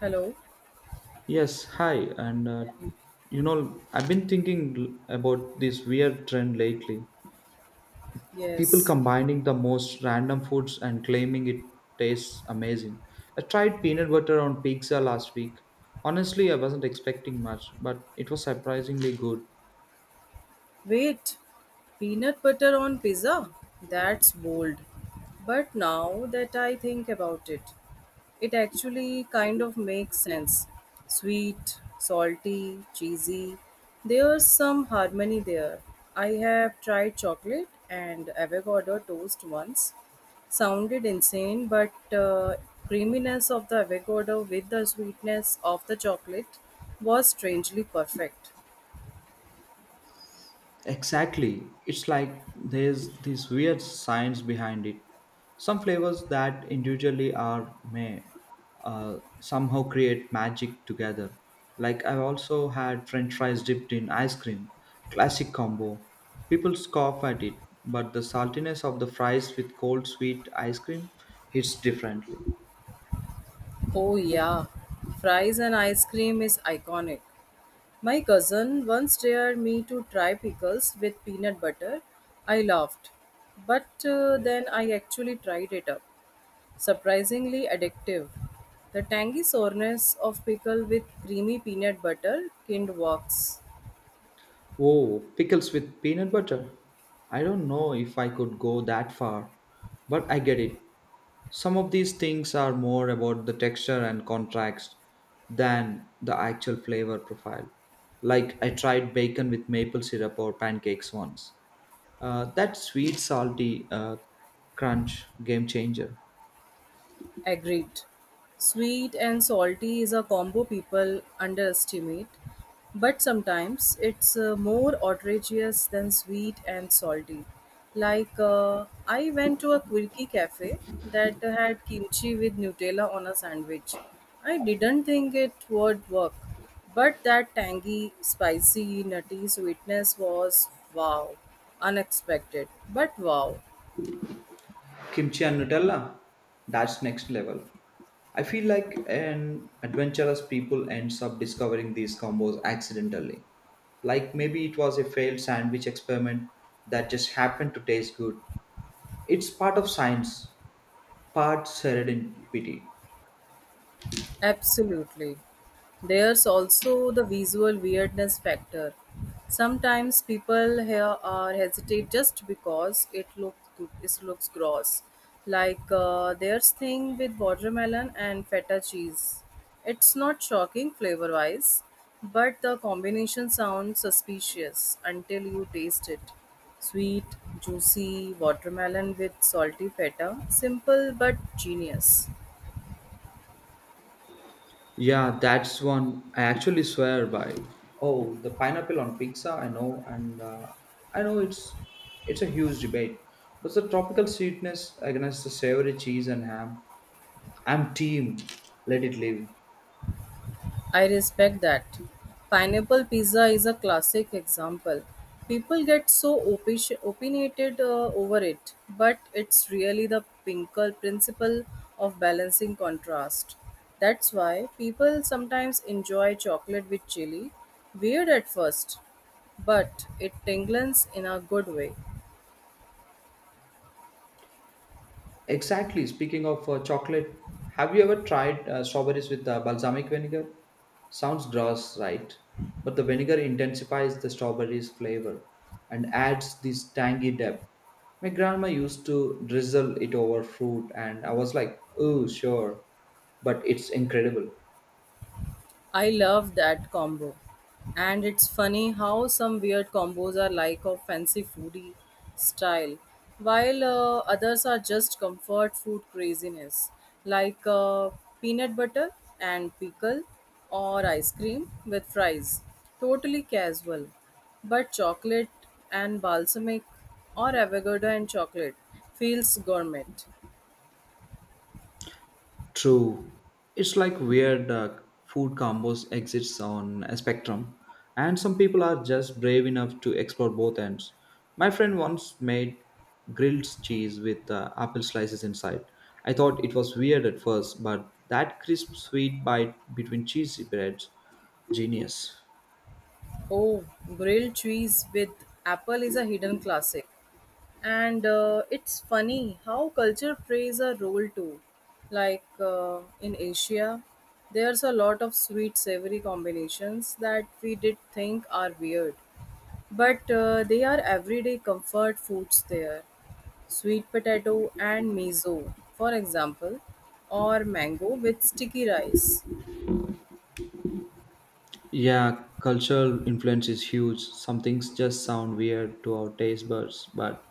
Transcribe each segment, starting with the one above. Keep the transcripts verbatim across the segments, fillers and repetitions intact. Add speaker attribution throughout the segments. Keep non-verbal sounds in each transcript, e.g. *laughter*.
Speaker 1: Hello.
Speaker 2: Yes, hi. And uh, you know, I've been thinking l- about this weird trend lately. People
Speaker 1: Yes.
Speaker 2: combining the most random foods and claiming it tastes amazing. I tried peanut butter on pizza last week. Honestly, I wasn't expecting much, but it was surprisingly good.
Speaker 1: Wait. Peanut butter on pizza? That's bold. But now that I think about it, it actually kind of makes sense. Sweet, salty, cheesy. There's some harmony there. I have tried chocolate and avocado toast once. Sounded insane, but uh, creaminess of the avocado with the sweetness of the chocolate was strangely perfect.
Speaker 2: Exactly. It's like there's this weird science behind it. Some flavors that individually are may uh, somehow create magic together. Like I've also had French fries dipped in ice cream, classic combo. People scoff at it, but the saltiness of the fries with cold sweet ice cream hits differently.
Speaker 1: Oh, yeah. Fries and ice cream is iconic. My cousin once dared me to try pickles with peanut butter. I laughed. But uh, then I actually tried it up. Surprisingly addictive. The tangy soreness of pickle with creamy peanut butter kind works.
Speaker 2: Oh, pickles with peanut butter. I don't know if I could go that far, but I get it. Some of these things are more about the texture and contrast than the actual flavor profile. Like I tried bacon with maple syrup or pancakes once. Uh, that sweet, salty, uh, crunch, game changer.
Speaker 1: Agreed. Sweet and salty is a combo people underestimate, but sometimes it's uh, more outrageous than sweet and salty. Like, uh, I went to a quirky cafe that had kimchi with Nutella on a sandwich. I didn't think it would work, but that tangy, spicy, nutty sweetness was wow, unexpected, but wow.
Speaker 2: Kimchi and Nutella, that's next level. I feel like an adventurous people ends up discovering these combos accidentally. Like maybe it was a failed sandwich experiment that just happened to taste good. It's part of science, part serendipity.
Speaker 1: Absolutely. There's also the visual weirdness factor. Sometimes people here are hesitate just because it looks it looks gross. Like uh, there's thing with watermelon and feta cheese. It's not shocking flavor wise, but the combination sounds suspicious until you taste it. Sweet, juicy watermelon with salty feta. Simple but genius.
Speaker 2: Yeah, that's one I actually swear by. Oh, the pineapple on pizza, I know, and uh, I know it's it's a huge debate. But the tropical sweetness against the savory cheese and ham, I'm team. Let it live.
Speaker 1: I respect that. Pineapple pizza is a classic example. People get so opi- opinionated uh, over it, but it's really the Pinker principle of balancing contrast. That's why people sometimes enjoy chocolate with chili. Weird at first, but it tingles in a good way.
Speaker 2: Exactly. Speaking of uh, chocolate, have you ever tried uh, strawberries with uh, balsamic vinegar? Sounds gross, right? But the vinegar intensifies the strawberry's flavor and adds this tangy depth. My grandma used to drizzle it over fruit, and I was like, oh, sure, but it's incredible.
Speaker 1: I love that combo. And it's funny how some weird combos are like of fancy foodie style, while uh, others are just comfort food craziness, like uh, peanut butter and pickle or ice cream with fries. Totally casual. But chocolate and balsamic or avocado and chocolate feels gourmet.
Speaker 2: True. It's like weird, uh, food combos exists on a spectrum, and some people are just brave enough to explore both ends. My friend once made grilled cheese with uh, apple slices inside. I thought it was weird at first, but that crisp sweet bite between cheesy breads, genius.
Speaker 1: Oh, grilled cheese with apple is a hidden classic. And uh, it's funny how culture plays a role too. Like uh, in Asia, there's a lot of sweet savory combinations that we did think are weird. But uh, they are everyday comfort foods there. Sweet potato and miso, for example, or mango with sticky rice.
Speaker 2: Yeah, cultural influence is huge. Some things just sound weird to our taste buds, but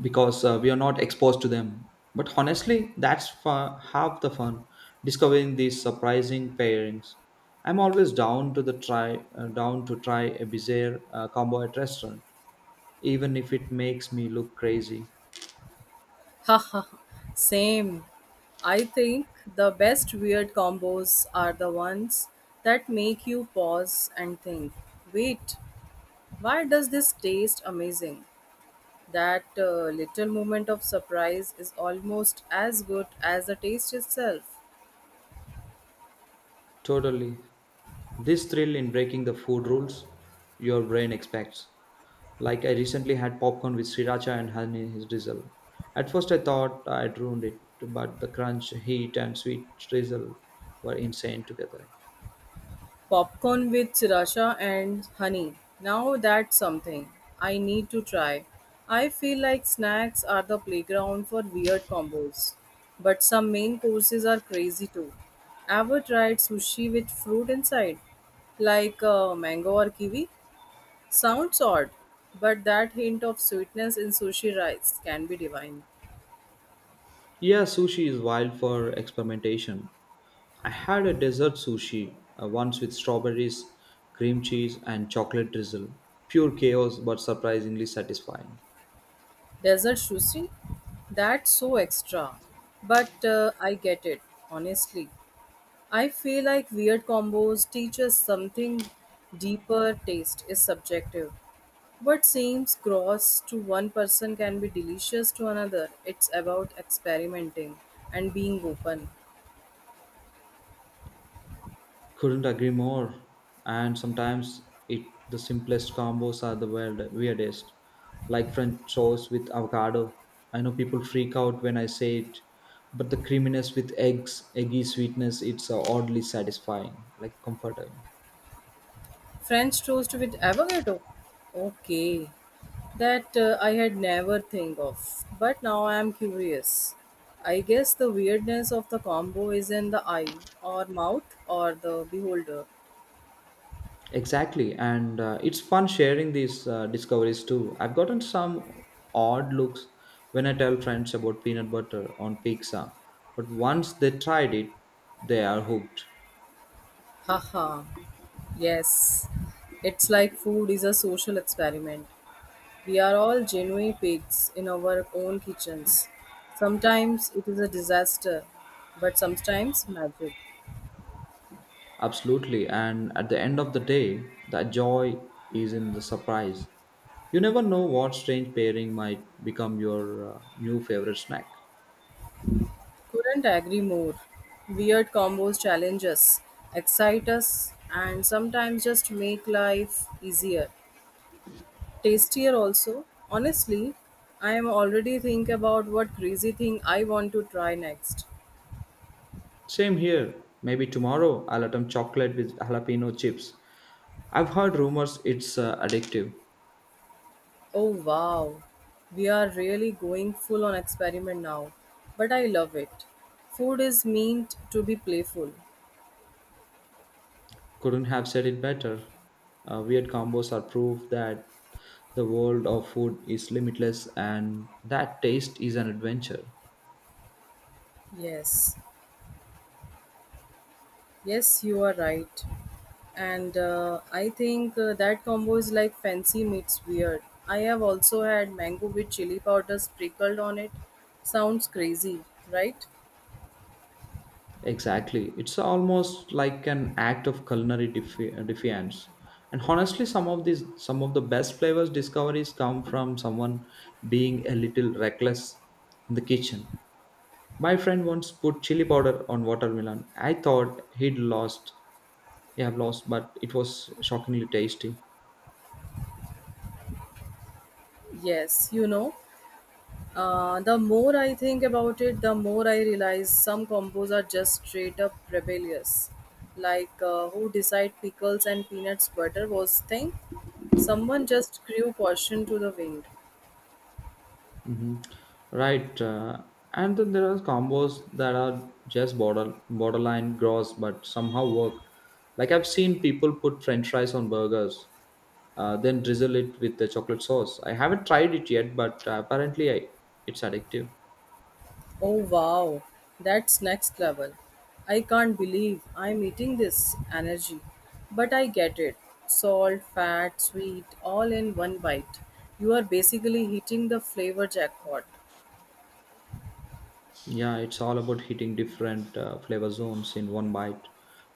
Speaker 2: because uh, we are not exposed to them. But honestly, that's fa- half the fun discovering these surprising pairings. I'm always down to the try uh, down to try a bizarre uh, combo at restaurant, even if it makes me look crazy.
Speaker 1: Haha, same. I think the best weird combos are the ones that make you pause and think, wait, why does this taste amazing? That uh, little moment of surprise is almost as good as the taste itself.
Speaker 2: Totally. This thrill in breaking the food rules your brain expects. Like I recently had popcorn with sriracha and honey drizzle. At first I thought I'd ruined it, but the crunch, heat, and sweet drizzle were insane together.
Speaker 1: Popcorn with sriracha and honey. Now that's something I need to try. I feel like snacks are the playground for weird combos, but some main courses are crazy too. Ever tried sushi with fruit inside, like uh, mango or kiwi? Sounds odd, but that hint of sweetness in sushi rice can be divine.
Speaker 2: Yeah, sushi is wild for experimentation. I had a dessert sushi, uh, once with strawberries, cream cheese, and chocolate drizzle. Pure chaos, but surprisingly satisfying.
Speaker 1: Desert sushi? That's so extra. But uh, I get it, honestly. I feel like weird combos teach us something deeper taste is subjective. What seems gross to one person can be delicious to another. It's about experimenting and being open.
Speaker 2: Couldn't agree more. And sometimes it the simplest combos are the weird, weirdest, like French toast with avocado. I know people freak out when I say it, but the creaminess with eggs, eggy sweetness, it's uh, oddly satisfying, like comforting.
Speaker 1: French toast with avocado. Okay. That uh, I had never think of, but now I am curious. I guess the weirdness of the combo is in the eye or mouth or the beholder.
Speaker 2: Exactly, and uh, it's fun sharing these uh, discoveries too. I've gotten some odd looks when I tell friends about peanut butter on pizza, but once they tried it, they are hooked.
Speaker 1: Haha. Yes, it's like food is a social experiment. We are all genuine pigs in our own kitchens. Sometimes it is a disaster, but sometimes magic.
Speaker 2: Absolutely. And at the end of the day, that joy is in the surprise. You never know what strange pairing might become your uh, new favorite snack.
Speaker 1: Couldn't agree more. Weird combos challenge us, excite us, and sometimes just make life easier. Tastier also. Honestly, I am already think about what crazy thing I want to try next.
Speaker 2: Same here. Maybe tomorrow I'll attempt chocolate with jalapeno chips. I've heard rumors it's uh, addictive.
Speaker 1: Oh wow, we are really going full on experiment now. But I love it. Food is meant to be playful.
Speaker 2: Couldn't have said it better. Uh, weird combos are proof that the world of food is limitless and that taste is an adventure.
Speaker 1: Yes, yes, you are right. And uh, I think uh, that combo is like fancy meets weird. I have also had mango with chili powder sprinkled on it. Sounds crazy, right?
Speaker 2: Exactly. It's almost like an act of culinary defi- uh, defiance. And honestly, some of these, some of the best flavors discoveries come from someone being a little reckless in the kitchen. My friend once put chili powder on watermelon. I thought he'd lost, he had lost, but it was shockingly tasty.
Speaker 1: Yes, you know, Uh, the more I think about it, the more I realize some combos are just straight up rebellious. Like uh, who decide pickles and peanuts butter was thing? Someone just grew caution to the wind.
Speaker 2: Hmm. Right. Uh, and then there are combos that are just border borderline gross, but somehow work. Like I've seen people put French fries on burgers, uh, then drizzle it with the chocolate sauce. I haven't tried it yet, but uh, apparently I, it's addictive.
Speaker 1: Oh wow, that's next level. I can't believe I'm eating this energy. But I get it. Salt, fat, sweet, all in one bite. You are basically hitting the flavor jackpot.
Speaker 2: Yeah, it's all about hitting different uh, flavor zones in one bite.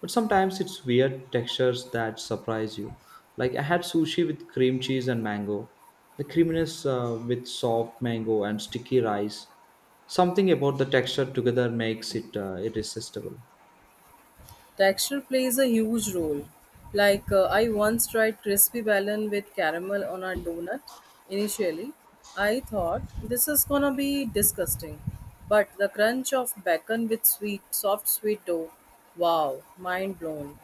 Speaker 2: But sometimes it's weird textures that surprise you. Like I had sushi with cream cheese and mango, the creaminess uh, with soft mango and sticky rice. Something about the texture together makes it uh, irresistible.
Speaker 1: Texture plays a huge role. Like uh, I once tried crispy ballon with caramel on a donut. Initially, I thought this is gonna be disgusting, but the crunch of bacon with sweet, soft sweet dough, wow, mind blown.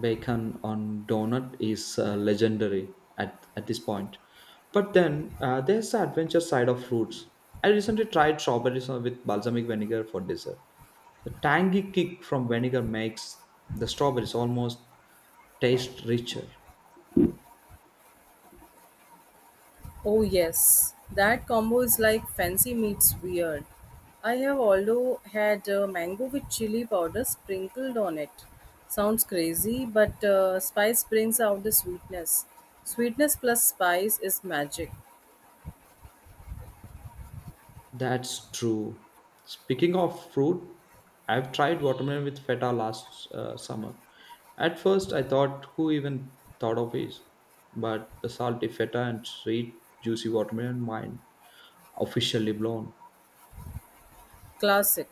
Speaker 2: Bacon on donut is uh, legendary at, at this point. But then uh, there's the adventure side of fruits. I recently tried strawberries with balsamic vinegar for dessert. The tangy kick from vinegar makes the strawberries almost taste richer.
Speaker 1: Oh yes, that combo is like fancy meets weird. I have also had uh, mango with chili powder sprinkled on it. Sounds crazy, but uh, spice brings out the sweetness. Sweetness plus spice is magic,
Speaker 2: That's true. Speaking of fruit, I've tried watermelon with feta last uh, summer. At first, I thought, who even thought of it? But the salty feta and sweet, juicy watermelon, mind officially blown.
Speaker 1: classic.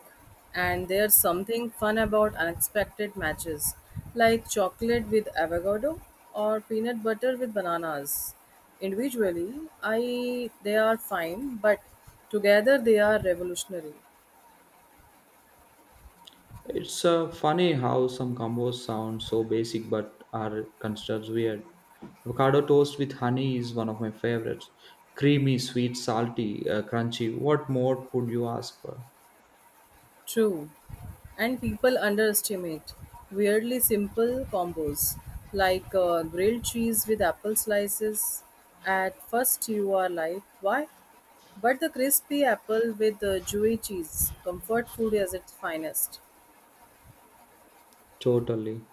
Speaker 1: And there's something fun about unexpected matches, like chocolate with avocado or peanut butter with bananas. Individually, I they are fine, but together they are revolutionary.
Speaker 2: It's uh, funny how some combos sound so basic but are considered weird. Avocado toast with honey is one of my favorites. Creamy, sweet, salty, uh, crunchy. What more could you ask for?
Speaker 1: True. And people underestimate weirdly simple combos like uh, grilled cheese with apple slices. At first, you are like, why? But the crispy apple with the chewy cheese, comfort food as its finest.
Speaker 2: Totally.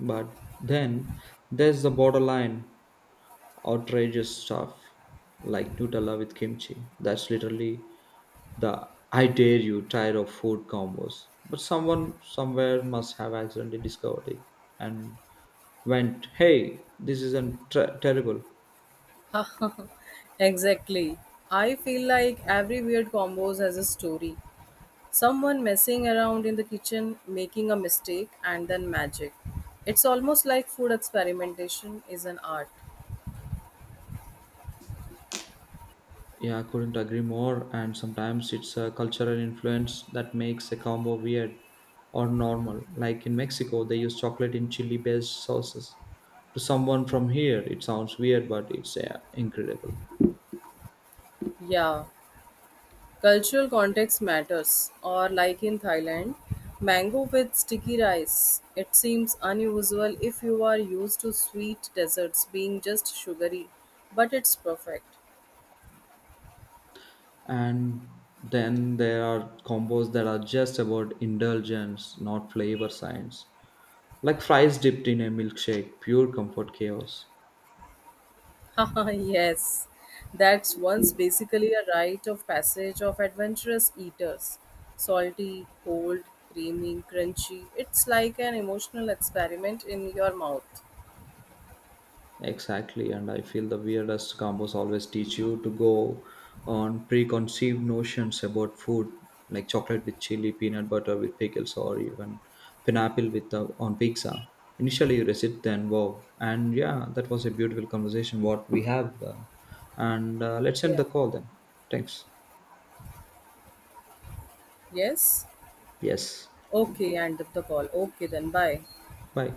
Speaker 2: But then there's the borderline outrageous stuff like Nutella with kimchi. That's literally the I dare you tired of food combos. But someone somewhere must have accidentally discovered it and went, hey, this isn't ter- terrible.
Speaker 1: *laughs* exactly. I feel like every weird combos has a story. Someone messing around in the kitchen, making a mistake, and then magic. It's almost like food experimentation is an art.
Speaker 2: Yeah, I couldn't agree more. And sometimes it's a cultural influence that makes a combo weird or normal. Like in Mexico, they use chocolate in chili based sauces. To someone from here, it sounds weird, but it's yeah, incredible.
Speaker 1: Yeah, cultural context matters. Or, like in Thailand, mango with sticky rice. It seems unusual if you are used to sweet desserts being just sugary, but it's perfect.
Speaker 2: And then there are combos that are just about indulgence, not flavor science. Like fries dipped in a milkshake, pure comfort chaos.
Speaker 1: *laughs* Haha, yes. That's once basically a rite of passage of adventurous eaters. Salty, cold, creamy, crunchy. It's like an emotional experiment in your mouth.
Speaker 2: Exactly, and I feel the weirdest combos always teach you to go on preconceived notions about food, like chocolate with chili, peanut butter with pickles, or even pineapple with the, on pizza. Initially, you resist, then wow, and yeah, that was a beautiful conversation. What we have, uh, and uh, let's end the
Speaker 1: Yeah.
Speaker 2: call then. Thanks.
Speaker 1: Yes?
Speaker 2: Yes.
Speaker 1: Okay, end of the call. Okay, then bye.
Speaker 2: Bye.